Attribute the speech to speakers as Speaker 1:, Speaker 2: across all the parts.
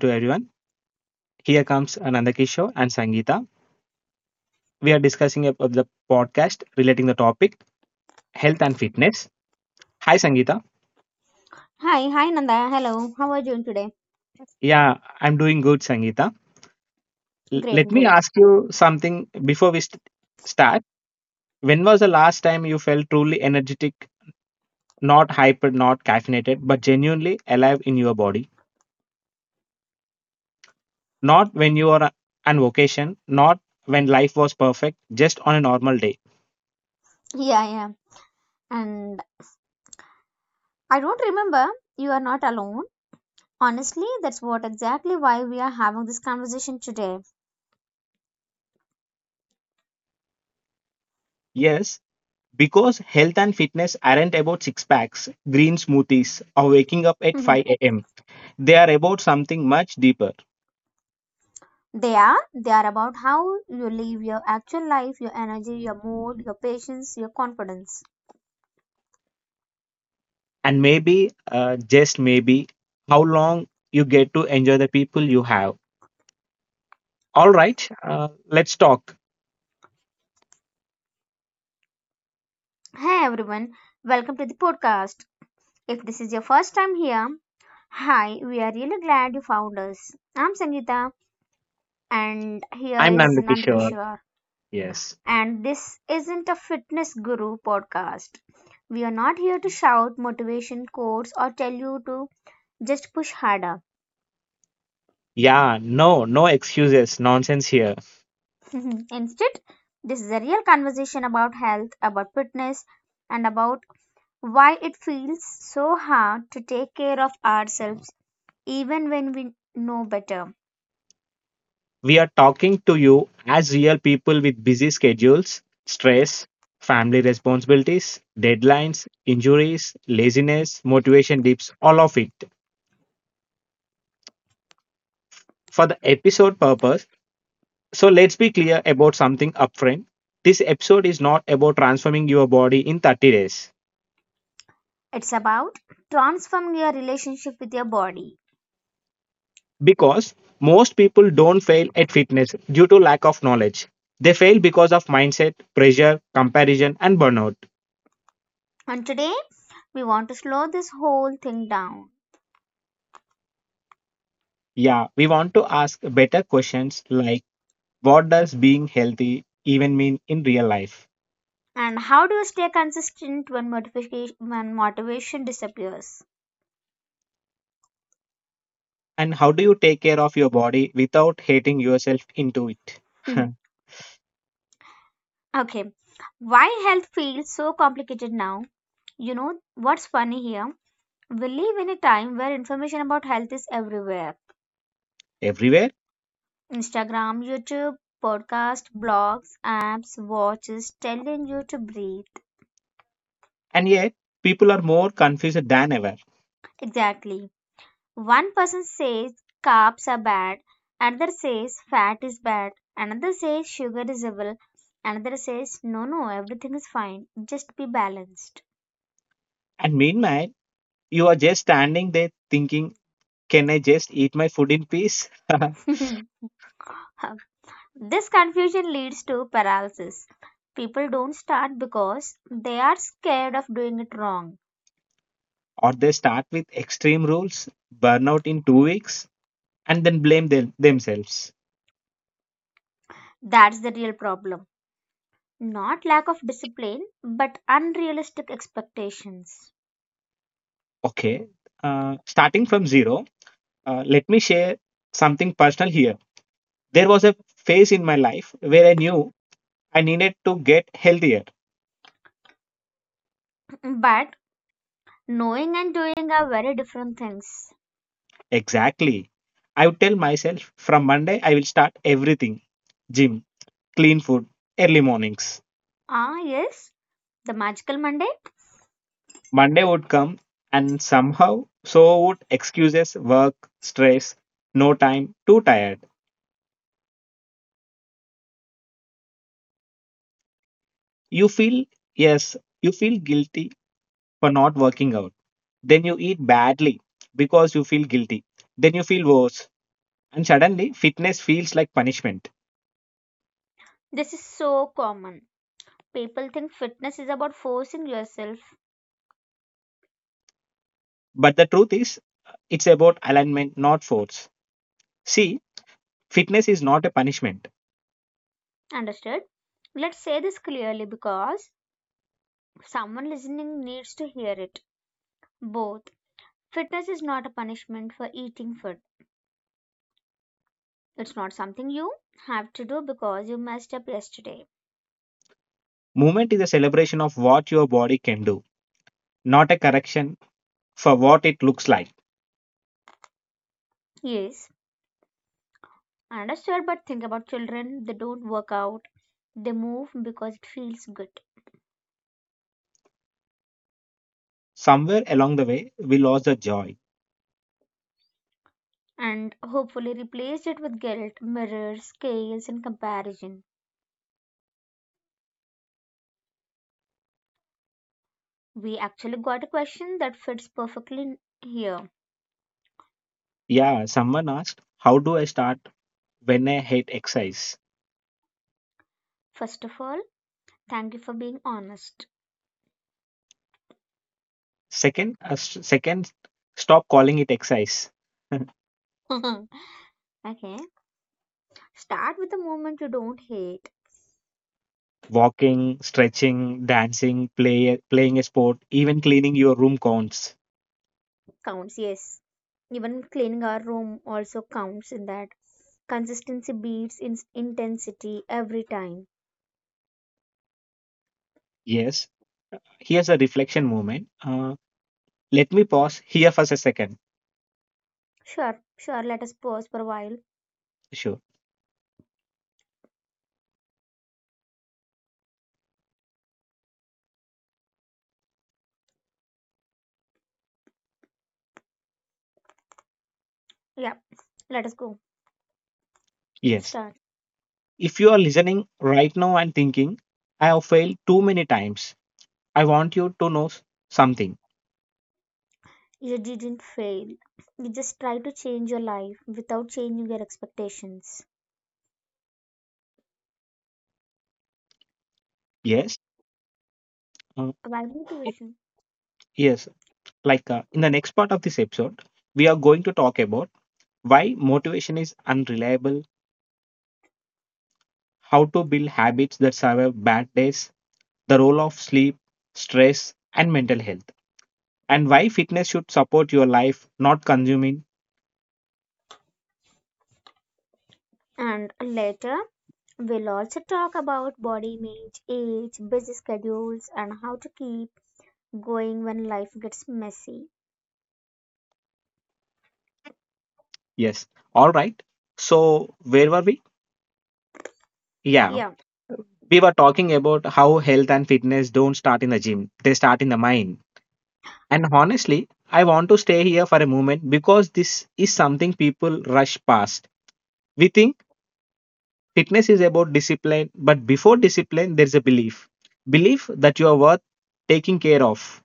Speaker 1: to everyone. Here comes Ananda Kishore and Sangeeta. We are discussing about the podcast relating the topic health and fitness. Hi, Sangeeta.
Speaker 2: Hi, hi Nanda. Hello. How are you doing today?
Speaker 1: Yeah, I'm doing good, Sangeeta.
Speaker 2: Great,
Speaker 1: Let me
Speaker 2: great.
Speaker 1: ask you something before we start. When was the last time you felt truly energetic, not hyper, not caffeinated, but genuinely alive in your body? Not when you are on vacation, not when life was perfect, just on a normal day.
Speaker 2: Yeah, yeah. And I don't remember you are not alone. Honestly, that's what exactly why we are having this conversation today.
Speaker 1: Yes, because health and fitness aren't about six packs, green smoothies, or waking up at
Speaker 2: Mhm.
Speaker 1: 5 a.m. They are about something much deeper.
Speaker 2: They are about how you live your actual life, your energy, your mood, your patience, your confidence.
Speaker 1: And maybe, just maybe, how long you get to enjoy the people you have. All right, let's talk.
Speaker 2: Hey everyone, welcome to the podcast. If this is your first time here, hi, we are really glad you found us. I'm Sangeeta and here
Speaker 1: I'm
Speaker 2: is
Speaker 1: Nandakishore.
Speaker 2: Nandakishore,
Speaker 1: Yes.
Speaker 2: and this isn't a fitness guru podcast. We are not here to shout motivation quotes or tell you to just push harder.
Speaker 1: Yeah, no, no excuses, nonsense here.
Speaker 2: Instead, this is a real conversation about health, about fitness, and about why it feels so hard to take care of ourselves even when we know better.
Speaker 1: We are talking to you as real people with busy schedules, stress, family responsibilities, deadlines, injuries, laziness, motivation dips, all of it for the episode purpose. So let's be clear about something upfront. This episode is not about transforming your body in 30 days
Speaker 2: It's about transforming your relationship with your body.
Speaker 1: because most people don't fail at fitness due to lack of knowledge. They fail because of mindset, pressure, comparison, and burnout.
Speaker 2: And today, we want to slow this whole thing down.
Speaker 1: Yeah, we want to ask better questions like, what does being healthy even mean in real life?
Speaker 2: And how do you stay consistent when motivation disappears?
Speaker 1: And how do you take care of your body without hating yourself into it?
Speaker 2: Mhm. Okay, why health feels so complicated now? You know what's funny here? We live in a time where information about health is everywhere.
Speaker 1: Everywhere.
Speaker 2: Instagram, YouTube, podcast, blogs, apps, watches telling you to breathe.
Speaker 1: And yet, people are more confused than ever.
Speaker 2: Exactly. One person says carbs are bad, another says fat is bad, another says sugar is evil, another says no, no, everything is fine, just be balanced.
Speaker 1: And meanwhile, you are just standing there thinking, can I just eat my food in peace?
Speaker 2: This confusion leads to paralysis. People don't start because they are scared of doing it wrong.
Speaker 1: Or they start with extreme rules, burnout in 2 weeks, and then blame themselves.
Speaker 2: That's the real problem. Not lack of discipline, but unrealistic expectations.
Speaker 1: Okay, starting from zero, let me share something personal here. There was a phase in my life where I knew I needed to get healthier.
Speaker 2: But knowing and doing are very different things.
Speaker 1: Exactly. I would tell myself, from Monday I will start everything, gym, clean food, early mornings.
Speaker 2: Ah, yes, the Magical Monday.
Speaker 1: Monday would come, and somehow so would excuses, work, stress, no time, too tired. You feel, yes, you feel guilty for not working out. Then you eat badly because you feel guilty. Then you feel worse. And suddenly, fitness feels like punishment.
Speaker 2: This is so common. People think fitness is about forcing yourself.
Speaker 1: But the truth is, it's about alignment, not force. See, fitness is not a punishment.
Speaker 2: Understood? Let's say this clearly because someone listening needs to hear it. Both. Fitness is not a punishment for eating food. It's not something you have to do because you messed up yesterday.
Speaker 1: Movement is a celebration of what your body can do, not a correction for what it looks like.
Speaker 2: Yes, understood, but think about children. They don't work out, they move because it feels good.
Speaker 1: Somewhere along the way, we lost the joy.
Speaker 2: And hopefully replaced it with guilt, mirrors, scales, and comparison. We actually got a question that fits perfectly here.
Speaker 1: Yeah, someone asked, how do I start when I hate exercise?
Speaker 2: First of all, thank you for being honest.
Speaker 1: Second, second, stop calling it exercise.
Speaker 2: Okay. Start with the moment you don't hate.
Speaker 1: Walking, stretching, dancing, playing a sport, even cleaning your room counts.
Speaker 2: Counts, yes. Even cleaning our room also counts in that. Consistency beats intensity every time.
Speaker 1: Yes, here's a reflection moment. Let me pause here for a second.
Speaker 2: Sure, sure, let us pause for a while.
Speaker 1: Sure.
Speaker 2: Yeah, let us go.
Speaker 1: Yes.
Speaker 2: Start.
Speaker 1: If you are listening right now and thinking, I have failed too many times, I want you to know something.
Speaker 2: You didn't fail. You just try to change your life without changing your expectations.
Speaker 1: Yes. Uh,
Speaker 2: Why motivation?
Speaker 1: yes. Like in the next part of this episode, we are going to talk about why motivation is unreliable, how to build habits that survive bad days, the role of sleep, stress, and mental health, and why fitness should support your life, not consuming.
Speaker 2: And later, we'll also talk about body image, age, busy schedules, and how to keep going when life gets messy.
Speaker 1: Yes. All right. So, where were we? Yeah,
Speaker 2: yeah
Speaker 1: we were talking about how health and fitness don't start in the gym, they start in the mind. And honestly, I want to stay here for a moment because this is something people rush past. We think fitness is about discipline, but before discipline, there's a belief that you are worth taking care of.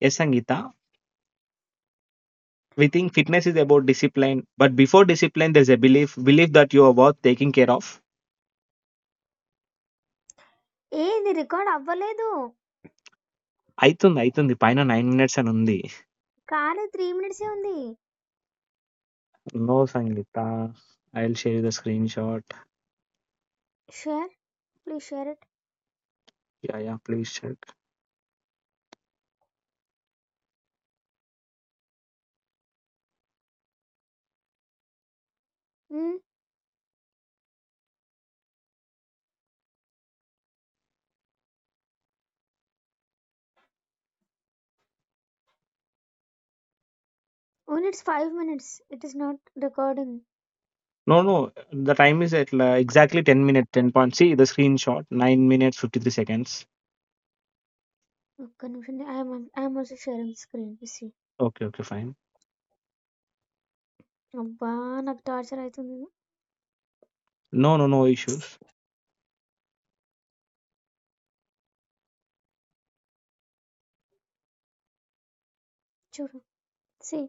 Speaker 1: Yes, Angita. We think fitness is about discipline, but before discipline, there's a belief that you are worth taking care of.
Speaker 2: ఏది record అవ్వలేదు
Speaker 1: అవుతుంది అవుతుంది పైన nine minutes అని ఉంది
Speaker 2: కానీ three మినిట్సే ఉంది
Speaker 1: no Sangeeta I will share the screenshot.
Speaker 2: Share please share it
Speaker 1: Yeah, yeah, please check.
Speaker 2: Own it's five minutes it is not recording
Speaker 1: No, no, the time is at, like, exactly 10 minutes, 10 point. See the screenshot, 9 minutes, 53 seconds.
Speaker 2: ఒక్క నిమిషం I'm also sharing screen see
Speaker 1: Okay, okay, fine.
Speaker 2: అబ్బా నాకు torture అవుతుంది
Speaker 1: No, no, no issues.
Speaker 2: చూడు see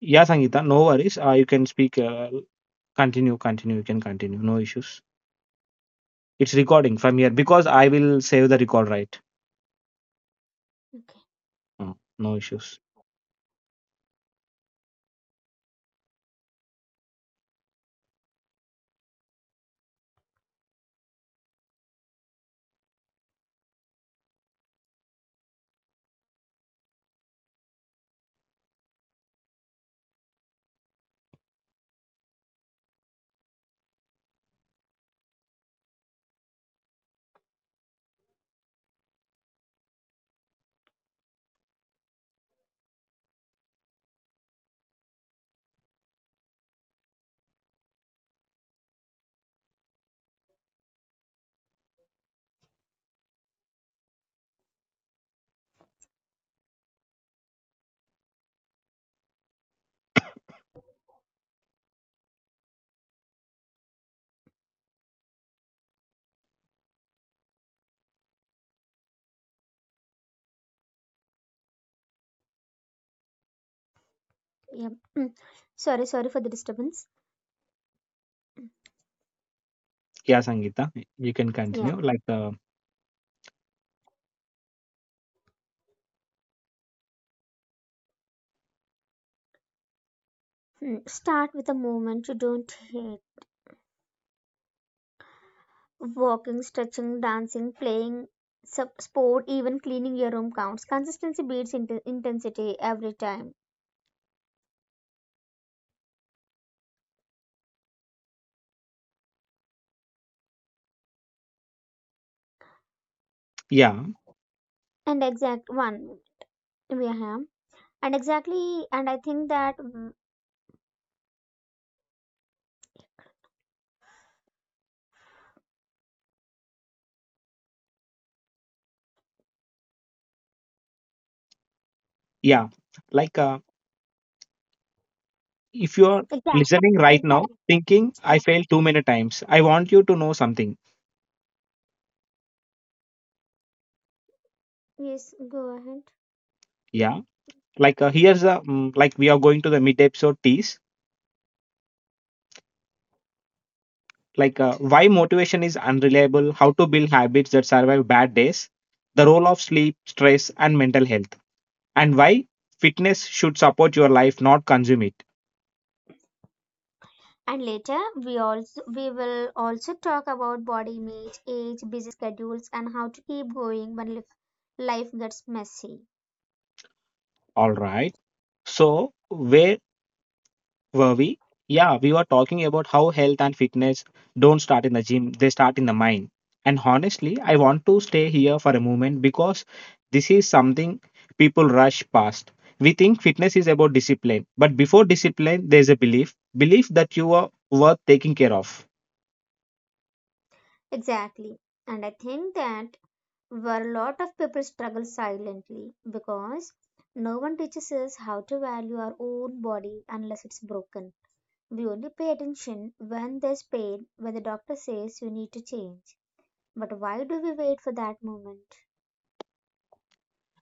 Speaker 1: Yeah, Sangeeta, no worries. You can speak. Continue, continue. You can continue. No issues. It's recording from here because I will save the record, right?
Speaker 2: Okay
Speaker 1: Uh, no issues.
Speaker 2: Yeah sorry sorry for the disturbance.
Speaker 1: Yeah, Sangeeta, you can
Speaker 2: Yeah.
Speaker 1: continue. Like,
Speaker 2: Start with a moment you don't. Walking, stretching, dancing, playing sub sport, even cleaning your room counts. Consistency beats intensity every time.
Speaker 1: yeah,
Speaker 2: And exact one, we have. And exactly, and I think that
Speaker 1: yeah. Like, if you are
Speaker 2: exact,
Speaker 1: listening right now,
Speaker 2: exactly,
Speaker 1: thinking I
Speaker 2: yeah.
Speaker 1: failed too many times, I want you to know something.
Speaker 2: Yes, go ahead.
Speaker 1: Yeah, like here's a, like, we are going to the mid episode tease, like why motivation is unreliable, how to build habits that survive bad days, the role of sleep, stress, and mental health, and why fitness should support your life, not consume it.
Speaker 2: And later, we will also talk about body image, age, busy schedules, and how to keep going when life gets messy.
Speaker 1: All right. So where were we? Yeah, we were talking about how health and fitness don't start in the gym, they start in the mind. And honestly, I want to stay here for a moment because this is something people rush past. We think fitness is about discipline, but before discipline, there's a belief that you are worth taking care of.
Speaker 2: Exactly. And I think that where a lot of people struggle silently because no one teaches us how to value our own body unless it's broken. We only pay attention when there's pain, when the doctor says you need to change. But why do we wait for that moment?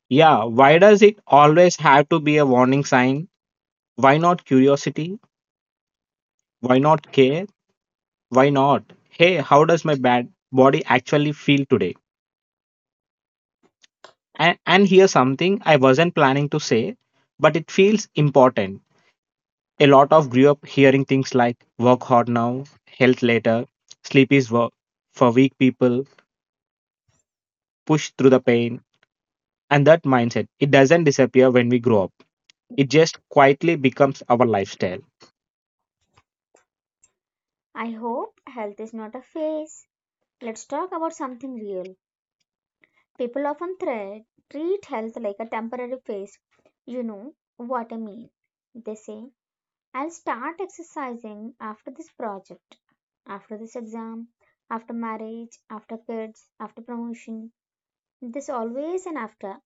Speaker 1: Yeah, why does it always have to be a warning sign? Why not curiosity? Why not care? Why not? Hey, how does my bad body actually feel today? And here's something I wasn't planning to say, but it feels important. A lot of grew up hearing things like work hard now, health later, sleep is work for weak people, push through the pain, and that mindset. It doesn't disappear when we grow up, it just quietly becomes our lifestyle.
Speaker 2: I hope health is not a phase. Let's talk about something real. People often treat health like a temporary phase. You know what I mean. They say I'll start exercising after this project, after this exam, after marriage, after kids, after promotion. There's always an after.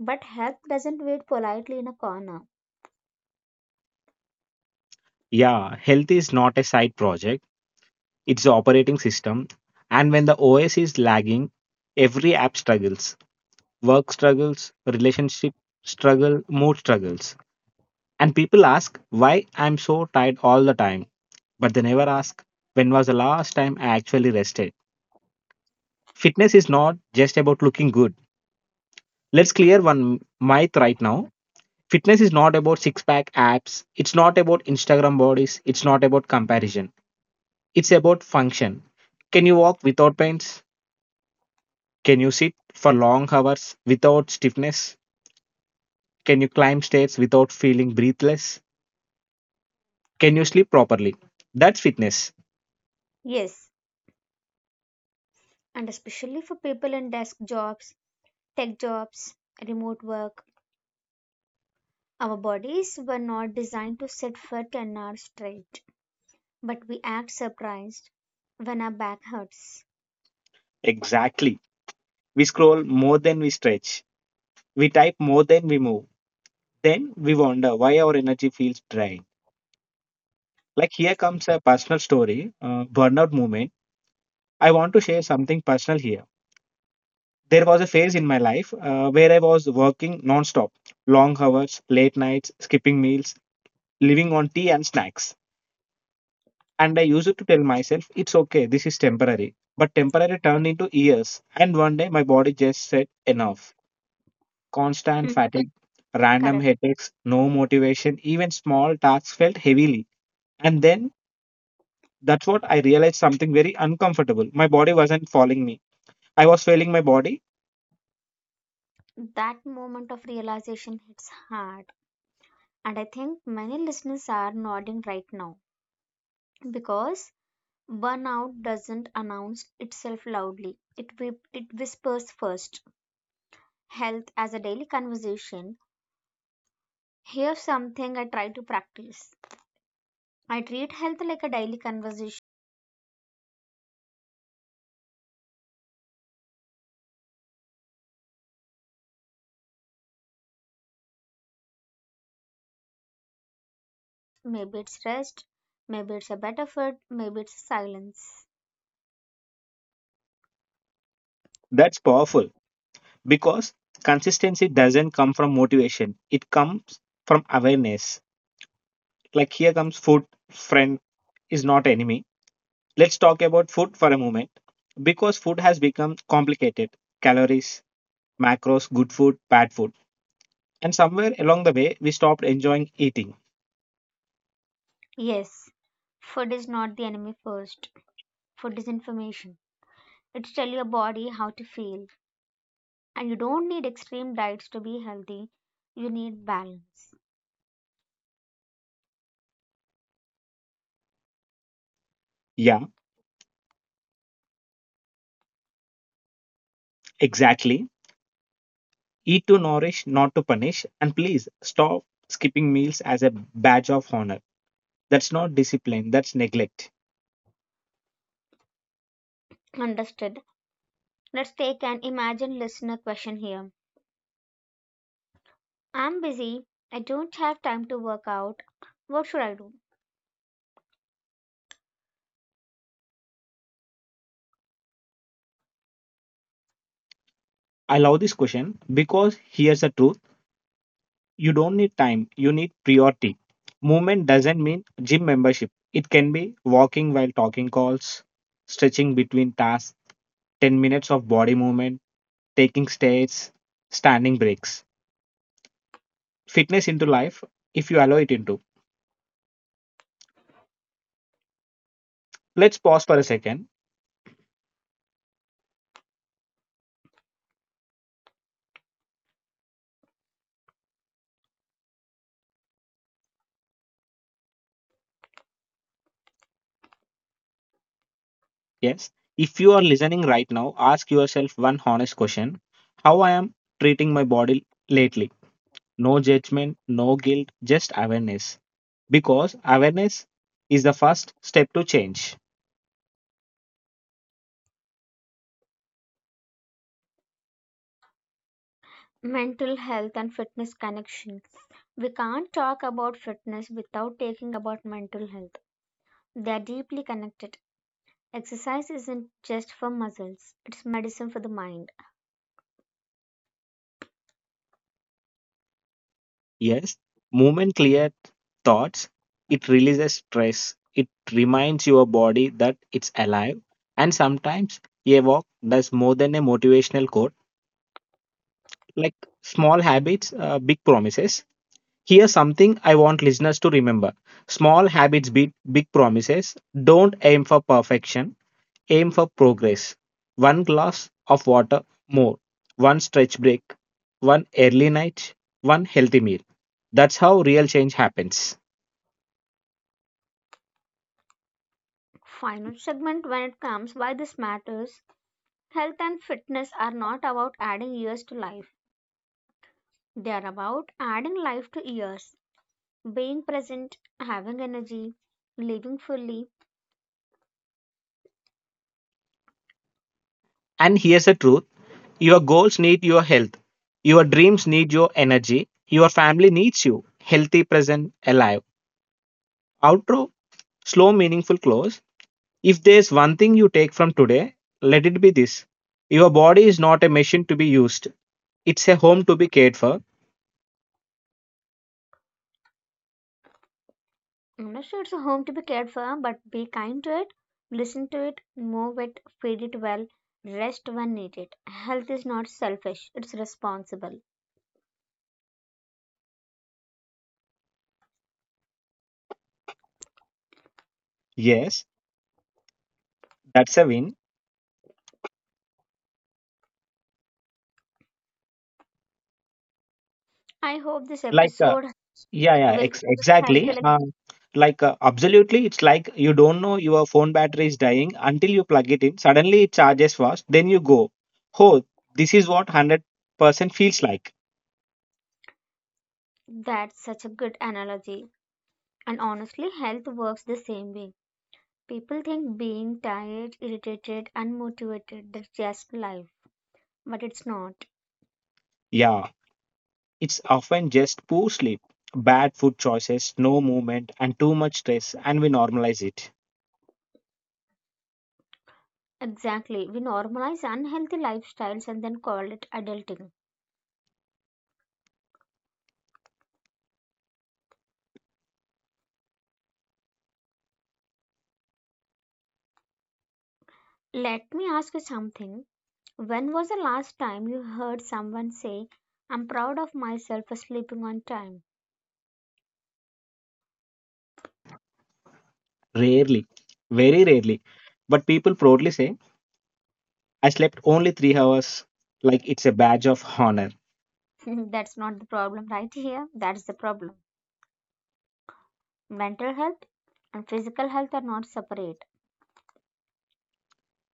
Speaker 2: But health doesn't wait politely in a corner.
Speaker 1: Yeah, health is not a side project, it's the operating system. And when the OS is lagging, every app struggles, work struggles, relationship struggle, mood struggles. And people ask why I'm so tired all the time, but they never ask when was the last time I actually rested. Fitness is not just about looking good. Let's clear one myth right now. Fitness is not about six pack abs, it's not about Instagram bodies, it's not about comparison, it's about function. Can you walk without pains? Can you sit for long hours without stiffness? Can you climb stairs without feeling breathless? Can you sleep properly? That's fitness.
Speaker 2: Yes, and especially for people in desk jobs, tech jobs, remote work, our bodies were not designed to sit for 10 hours straight. But we act surprised when our back hurts.
Speaker 1: Exactly. We scroll more than we stretch. We type more than we move. Then we wonder why our energy feels drained. Like here comes a personal story, burnout moment. I want to share something personal here. There was a phase in my life where I was working non-stop, long hours, late nights, skipping meals, living on tea and snacks. And I used to tell myself, it's okay, this is temporary. But temporary turned into years. And one day my body just said, enough. Constant
Speaker 2: Mm.
Speaker 1: fatigue, random
Speaker 2: Correct.
Speaker 1: headaches, no motivation, even small tasks felt heavily. And then that's what I realized, something very uncomfortable. My body wasn't following me. I was failing my body.
Speaker 2: That moment of realization hits hard. And I think many listeners are nodding right now because burnout doesn't announce itself loudly. It whispers first. Health as a daily conversation. Here's something I try to practice. I treat health like a daily conversation. Maybe it's rest, maybe it's a better food, maybe it's silence.
Speaker 1: That's powerful because consistency doesn't come from motivation. It comes from awareness. Like here comes food, friend is not enemy. Let's talk about food for a moment because food has become complicated. Calories, macros, good food, bad food, and somewhere along the way, we stopped enjoying eating.
Speaker 2: Yes, food is not the enemy first. Food is information. It's tell your body how to feel. And you don't need extreme diets to be healthy. You need balance.
Speaker 1: Yeah, exactly. Eat to nourish, not to punish. And please stop skipping meals as a badge of honor. That's not discipline, that's neglect.
Speaker 2: Understood. Let's take an imagine listener question here. I'm busy. I don't have time to work out. What should I do?
Speaker 1: I love this question because here's the truth, you don't need time, you need priority. Movement doesn't mean gym membership, it can be walking while talking calls, stretching between tasks, 10 minutes of body movement, taking stairs, standing breaks. Fitness into life if you allow it into. Let's pause for a second. Yes. If you are listening right now, ask yourself one honest question, how I am treating my body lately? No judgment, no guilt, just awareness. Because awareness is the first step to change.
Speaker 2: Mental health and fitness connections. We can't talk about fitness without taking about mental health. They are deeply connected. Exercise isn't just for muscles, it's medicine for the mind.
Speaker 1: Yes. Movement clear thoughts. It releases stress. It reminds your body that it's alive. And sometimes a walk does more than a motivational quote. Like small habits, big promises. Here's something I want listeners to remember, small habits beat big promises. Don't aim for perfection, aim for progress. One glass of water more, one stretch break, one early night, one healthy meal. That's how real change happens.
Speaker 2: Final segment when it comes why this matters. Health and fitness are not about adding years to life, they are about adding life to years. Being present, having energy, living fully.
Speaker 1: And here's the truth, your goals need your health, your dreams need your energy, your family needs you healthy, present, alive. Outro slow, meaningful close. If there's one thing you take from today, let it be this. Your body is not a machine to be used. It's a home to be cared for.
Speaker 2: I'm not sure it's a home to be cared for, but be kind to it, listen to it, move it, feed it well, rest when needed. Health is not selfish, it's responsible.
Speaker 1: Yes, that's a win.
Speaker 2: I hope this
Speaker 1: Like,
Speaker 2: episode.
Speaker 1: yeah, yeah,
Speaker 2: Well, health
Speaker 1: exactly.
Speaker 2: will,
Speaker 1: Like, absolutely, it's like you don't know your phone battery is dying until you plug it in. Suddenly it charges fast. Then you go, oh, this is what 100% feels like.
Speaker 2: that's such a good analogy. And honestly, health works the same way. People think being tired, irritated, unmotivated, that's just life. But it's not.
Speaker 1: Yeah, it's often just poor sleep, bad food choices, no movement, and too much stress, and we normalize it.
Speaker 2: Exactly. We normalize unhealthy lifestyles and then call it adulting. Let me ask you something. When was the last time you heard someone say, I'm proud of myself for sleeping on time?
Speaker 1: Rarely, very rarely. But people proudly say, I slept only 3 hours, like it's a badge of honor.
Speaker 2: That's not the problem right here. That's the problem. Mental health and physical health are not separate.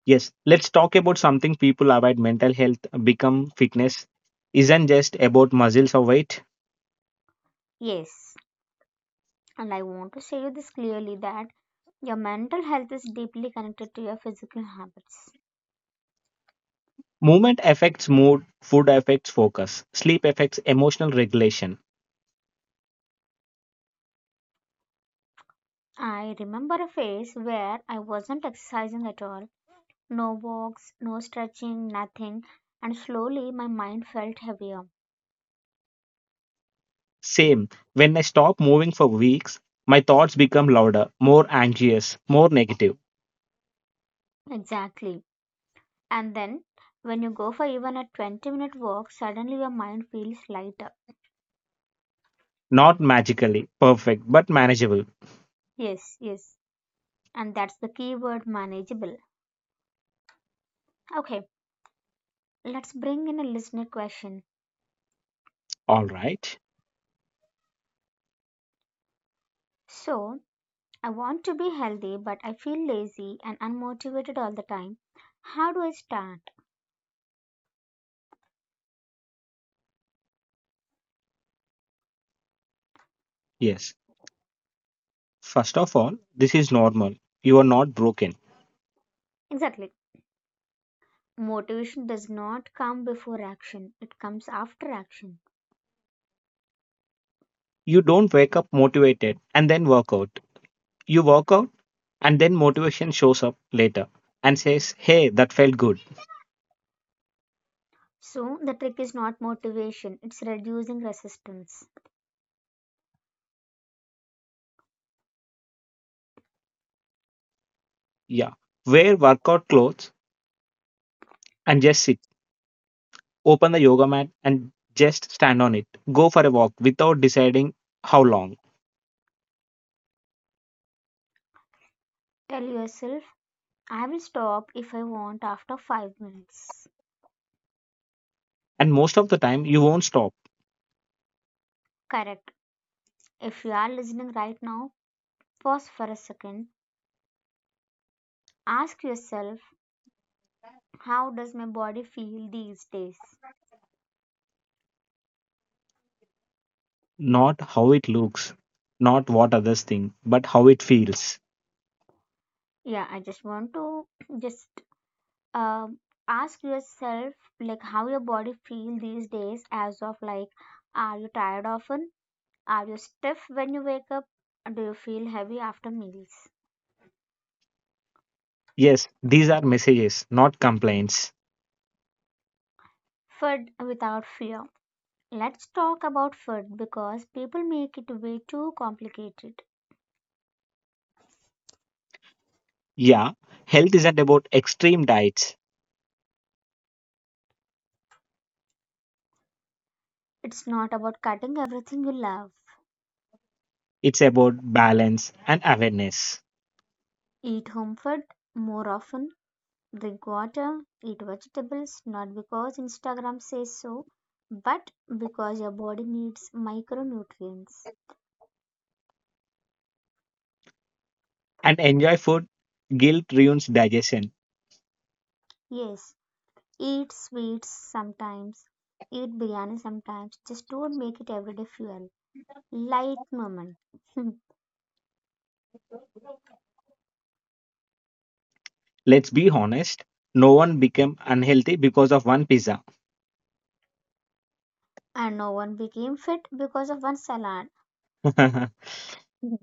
Speaker 1: Yes, let's talk about something people avoid, mental health, become fitness. Isn't just about muscles or weight.
Speaker 2: Yes, and I want to say you this clearly that your mental health is deeply connected to your physical habits.
Speaker 1: Movement affects mood, food affects focus, sleep affects emotional regulation.
Speaker 2: I remember a phase where I wasn't exercising at all, no walks, no stretching, nothing, and slowly my mind felt heavier.
Speaker 1: Same, when I stop moving for weeks, my thoughts become louder, more anxious, more negative.
Speaker 2: Exactly. And then when you go for even a 20-minute walk, suddenly your mind feels lighter.
Speaker 1: Not magically perfect, but manageable.
Speaker 2: Yes, yes. And that's the key word manageable. Okay, let's bring in a listener question.
Speaker 1: All right.
Speaker 2: So, I want to be healthy, but I feel lazy and unmotivated all the time. How do I start?
Speaker 1: Yes. First of all, this is normal. You are not broken.
Speaker 2: Exactly. Motivation does not come before action, it comes after action.
Speaker 1: You don't wake up motivated and then work out. You work out and then motivation shows up later and says, hey, that felt good.
Speaker 2: So, the trick is not motivation, it's reducing resistance.
Speaker 1: Yeah. Wear workout clothes and just sit. Open the yoga mat and just stand on it. Go for a walk without deciding how long.
Speaker 2: Tell yourself, I will stop if I want after 5 minutes.
Speaker 1: And most of the time, you won't stop.
Speaker 2: Correct. If you are listening right now, pause for a second. Ask yourself, how does my body feel these days?
Speaker 1: Not how it looks, not what others think, but how it feels.
Speaker 2: Yeah, I just want to just um, ask yourself like how your body feel these days, as of like are you tired often, are you stiff when you wake up, do you feel heavy after meals?
Speaker 1: Yes, these are messages, not complaints.
Speaker 2: Food without fear. Let's talk about food because people make it way too complicated.
Speaker 1: Yeah, health isn't about extreme diets.
Speaker 2: It's not about cutting everything you love.
Speaker 1: It's about balance and awareness.
Speaker 2: Eat home food more often, drink water, eat vegetables, not because Instagram says so but because your body needs micronutrients.
Speaker 1: And enjoy food, guilt ruins digestion.
Speaker 2: Yes, eat sweets sometimes, eat biryani sometimes, just don't make it everyday fuel. Light moment.
Speaker 1: Let's be honest, no one became unhealthy because of one pizza.
Speaker 2: And no one became fit because of one salad. Mhm.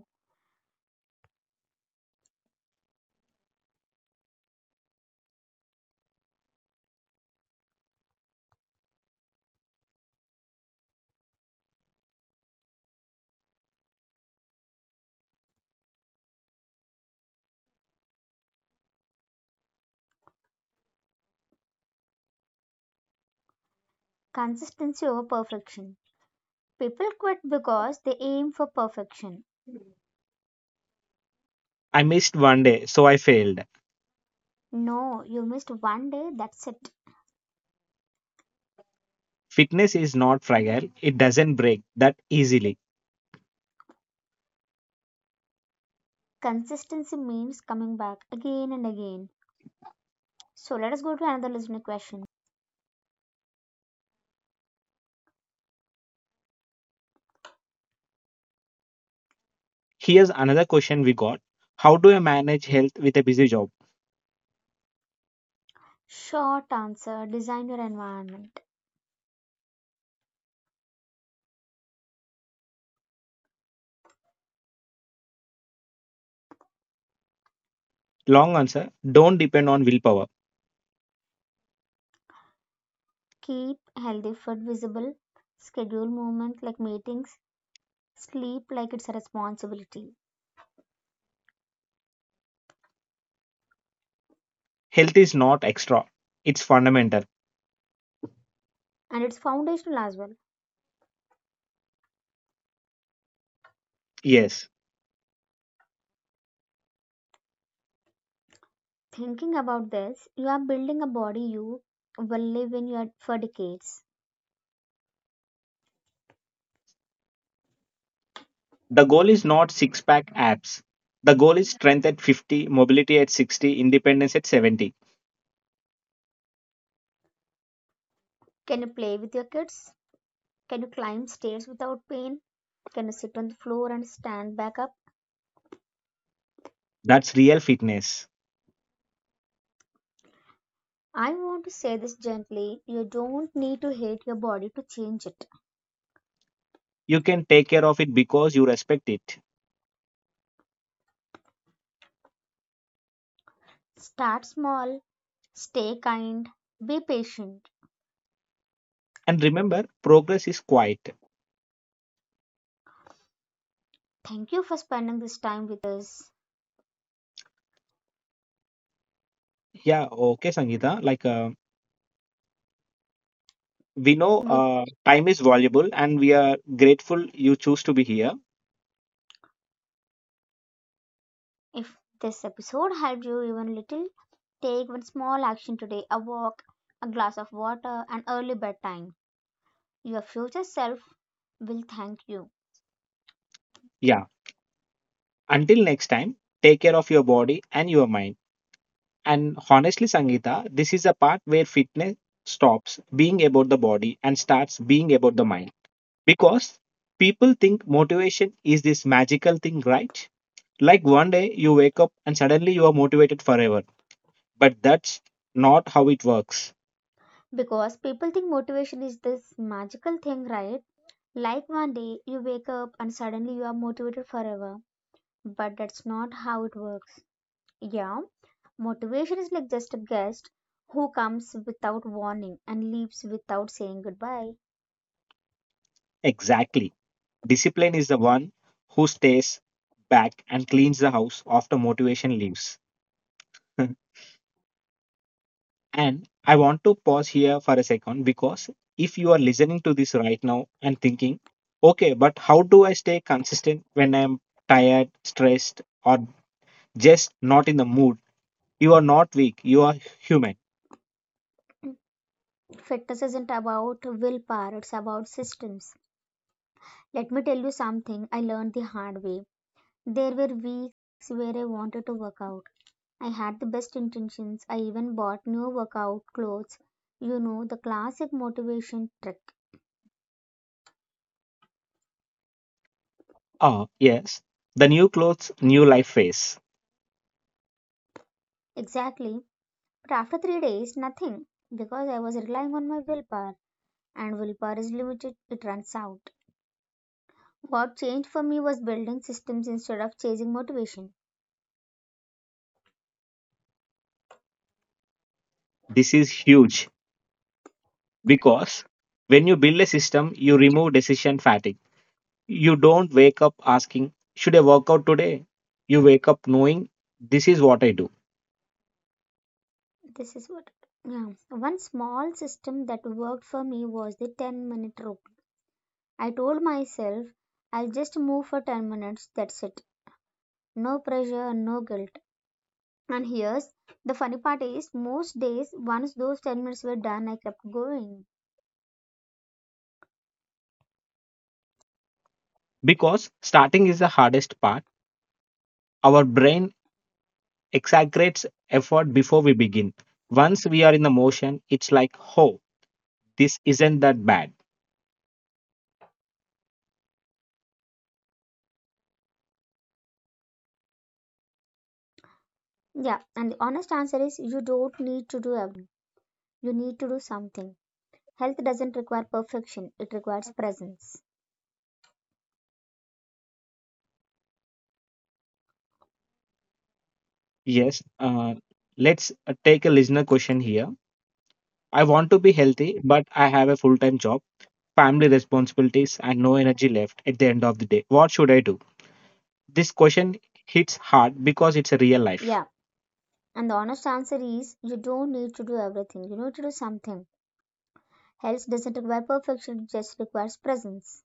Speaker 2: Consistency over perfection. People quit because they aim for perfection.
Speaker 1: I missed one day, so I failed.
Speaker 2: No, you missed one day, that's it.
Speaker 1: Fitness is not fragile, it doesn't break that easily.
Speaker 2: Consistency means coming back again and again. So let us go to another listener question.
Speaker 1: Here's another question we got: how do I manage health with a busy job?
Speaker 2: Short answer, design your environment.
Speaker 1: Long answer: don't depend on willpower.
Speaker 2: Keep healthy food visible, schedule movement like meetings, sleep like it's a responsibility.
Speaker 1: Health is not extra, it's fundamental.
Speaker 2: And it's foundational as well.
Speaker 1: Yes.
Speaker 2: Thinking about this, you are building a body you will live in your for decades.
Speaker 1: The goal is not six pack abs. The goal is strength at 50, mobility at 60, independence at 70.
Speaker 2: Can you play with your kids? Can you climb stairs without pain? Can you sit on the floor and stand back up?
Speaker 1: That's real fitness.
Speaker 2: I want to say this gently. You don't need to hate your body to change it.
Speaker 1: You can take care of it because you respect it.
Speaker 2: Start small, stay kind, be patient.
Speaker 1: And remember, progress is quiet.
Speaker 2: Thank you for spending this time with us.
Speaker 1: Yeah, okay, Sangeeta. We know
Speaker 2: With,
Speaker 1: time is valuable and we are grateful you choose to be here.
Speaker 2: if this episode helped you even little, take one small action today, a walk, a glass of water, an early bedtime. Your future self will thank you.
Speaker 1: Yeah, until next time, take care of your body and your mind. And honestly, Sangeeta, this is a part where fitness stops being about the body and starts being about the mind. Because people think motivation is this magical thing, right? Like, one day you wake up and suddenly you are motivated forever. But that's not how it works.
Speaker 2: Because people think motivation is this magical thing, right? Like one day you wake up and suddenly you are motivated forever. But that's not how it works. Yeah, motivation is like just a guest who comes without warning and leaves without saying goodbye.
Speaker 1: Exactly. Discipline is the one who stays back and cleans the house after motivation leaves. And I want to pause here for a second, because if you are listening to this right now and thinking, okay, but how do I stay consistent when I'm tired, stressed, or just not in the mood? You are not weak, you are human.
Speaker 2: Fitness isn't about willpower, it's about systems. Let me tell you something I learned the hard way. There were weeks where I wanted to work out, I had the best intentions. I even bought new workout clothes. You know, the classic motivation trick.
Speaker 1: Ah, yes. The new clothes, new life phase.
Speaker 2: Exactly. But after 3 days, nothing. Because I was relying on my willpower. And willpower is limited, it runs out. What changed for me was building systems instead of chasing motivation.
Speaker 1: This is huge, because when you build a system, you remove decision fatigue. You don't wake up asking, should I work out today? You wake up knowing, this is what I do.
Speaker 2: This is what. Yeah. One small system that worked for me was the 10-minute rule. I told myself, I'll just move for 10 minutes, that's it. No pressure, no guilt. And here's the funny part is most days once those 10 minutes were done I kept going.
Speaker 1: Because starting is the hardest part. Our brain exaggerates effort before we begin. Once we are in the motion, it's like, oh, this isn't that bad.
Speaker 2: Yeah, and the honest answer is you don't need to do everything. You need to do something. Health doesn't require perfection, it requires presence.
Speaker 1: Yes. Let's take a listener question here. I want to be healthy, but I have a full time job, family responsibilities, and no energy left at the end of the day. What should I do? This question hits hard, because it's a real life
Speaker 2: Yeah, and the honest answer is you don't need to do everything. You need to do something. Health doesn't require perfection, it just requires presence.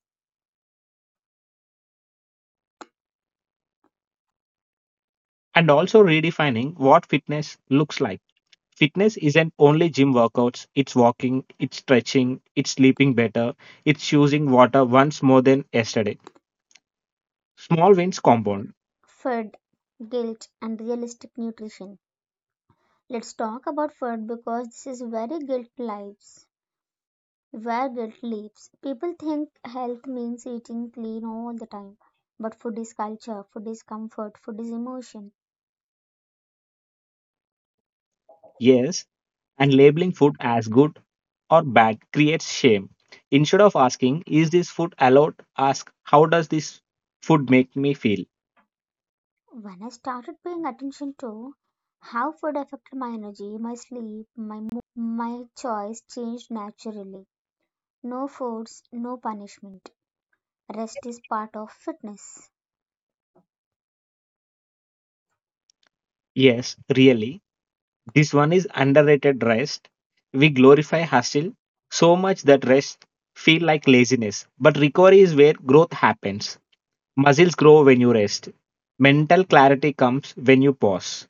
Speaker 1: and also redefining what fitness looks like. Fitness isn't only gym workouts, it's walking, it's stretching, it's sleeping better, it's choosing water once more than yesterday. Small wins compound.
Speaker 2: Food, guilt, and realistic nutrition. Let's talk about food because this is very guilt lives. Where guilt lives. People think health means eating clean all the time, but food is culture, food is comfort, food is emotion.
Speaker 1: Yes, and labeling food as good or bad creates shame. Instead of asking, is this food allowed? Ask, how does this food make me feel?
Speaker 2: When I started paying attention to how food affected my energy, my sleep, my mood, my choice changed naturally. No force, no punishment. Rest is part of fitness.
Speaker 1: Yes, really. This one is underrated: rest. We glorify hustle so much that rest feel like laziness. But recovery is where growth happens. Muscles grow when you rest. Mental clarity comes when you pause.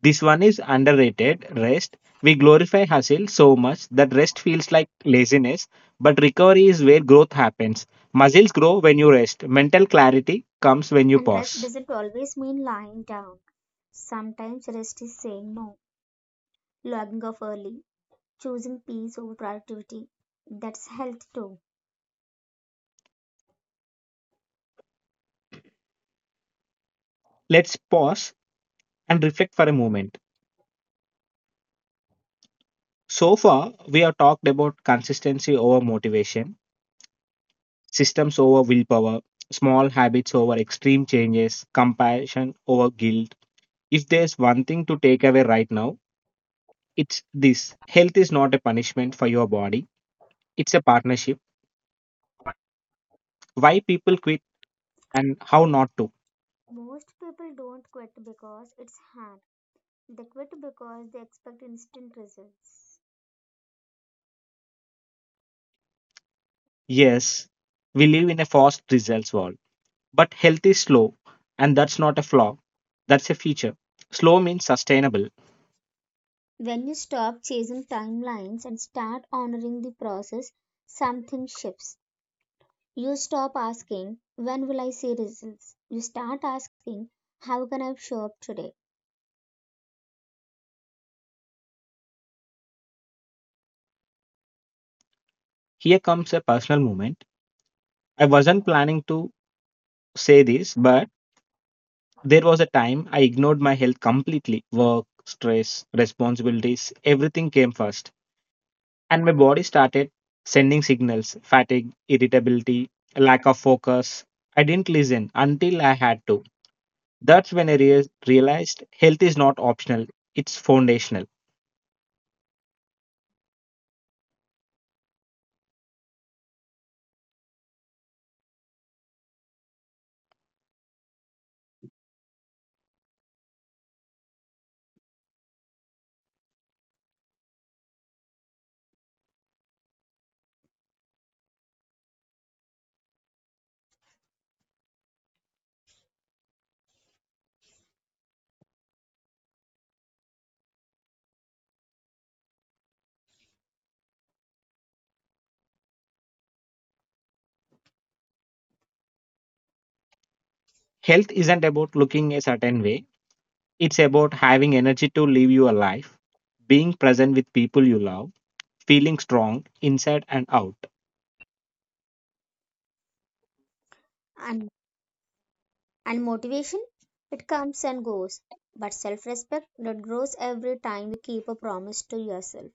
Speaker 1: This one is underrated: rest. We glorify hustle so much that rest feels like laziness, but recovery is where growth happens. Muscles grow when you rest, mental clarity comes when you
Speaker 2: And rest
Speaker 1: pause.
Speaker 2: doesn't always mean lying down. Sometimes rest is saying no, logging off early, choosing peace over productivity. That's health too.
Speaker 1: Let's pause and reflect for a moment. So far, we have talked about consistency over motivation, systems over willpower, small habits over extreme changes, compassion over guilt. If there's one thing to take away right now, it's this: health is not a punishment for your body, it's a partnership. Why people quit and how not to.
Speaker 2: Most people don't quit because it's hard. They quit because they expect instant results.
Speaker 1: Yes, we live in a fast results world, but health is slow, and that's not a flaw. That's a feature. Slow means sustainable.
Speaker 2: When you stop chasing timelines and start honoring the process, something shifts. You stop asking, when will I see results? You start asking, how can I show up today?
Speaker 1: Here comes a personal moment. I wasn't planning to say this, but there was a time I ignored my health completely. Work, stress, responsibilities, everything came first. And my body started sending signals: fatigue, irritability, lack of focus. I didn't listen until I had to. That's when I realized health is not optional, it's foundational. Health isn't about looking a certain way, it's about having energy to live your life, being present with people you love, feeling strong inside and out.
Speaker 2: And, and motivation, it comes and goes. But self respect, that grows every time you keep a promise to yourself.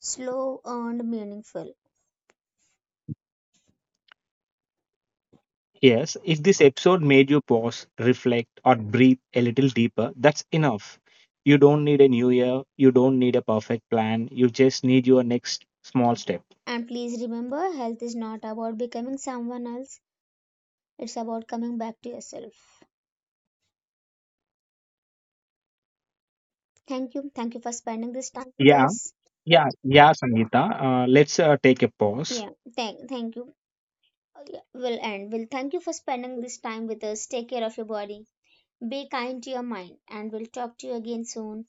Speaker 2: Slow, earned, meaningful.
Speaker 1: Yes, if this episode made you pause, reflect, or breathe a little deeper, that's enough. You don't need a new year, you don't need a perfect plan, you just need your next small step.
Speaker 2: And please remember, health is not about becoming someone else, it's about coming back to yourself. Thank you. Thank you for spending this time with
Speaker 1: Yeah,
Speaker 2: us.
Speaker 1: yeah, yeah, Sangeeta. Let's take a pause.
Speaker 2: Yeah, thank you. Yeah, we'll end. We'll thank you for spending this time with us. Take care of your body. Be kind to your mind, and we'll talk to you again soon.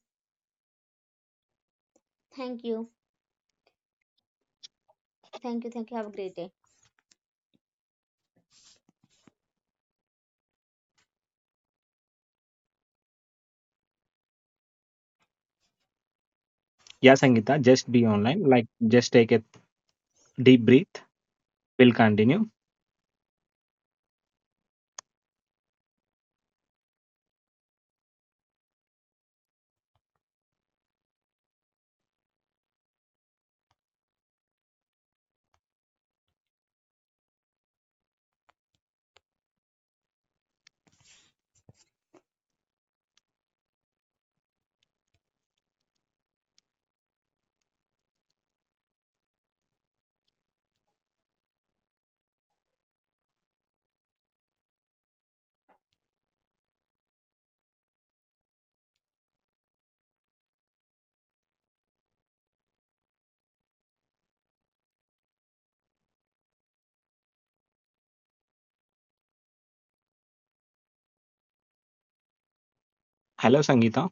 Speaker 2: Thank you. Thank you. Thank you. Have a great day.
Speaker 1: Yeah, Sangeeta, just be online. Like, just take a deep breath. We'll continue. Hello, Sangeeta.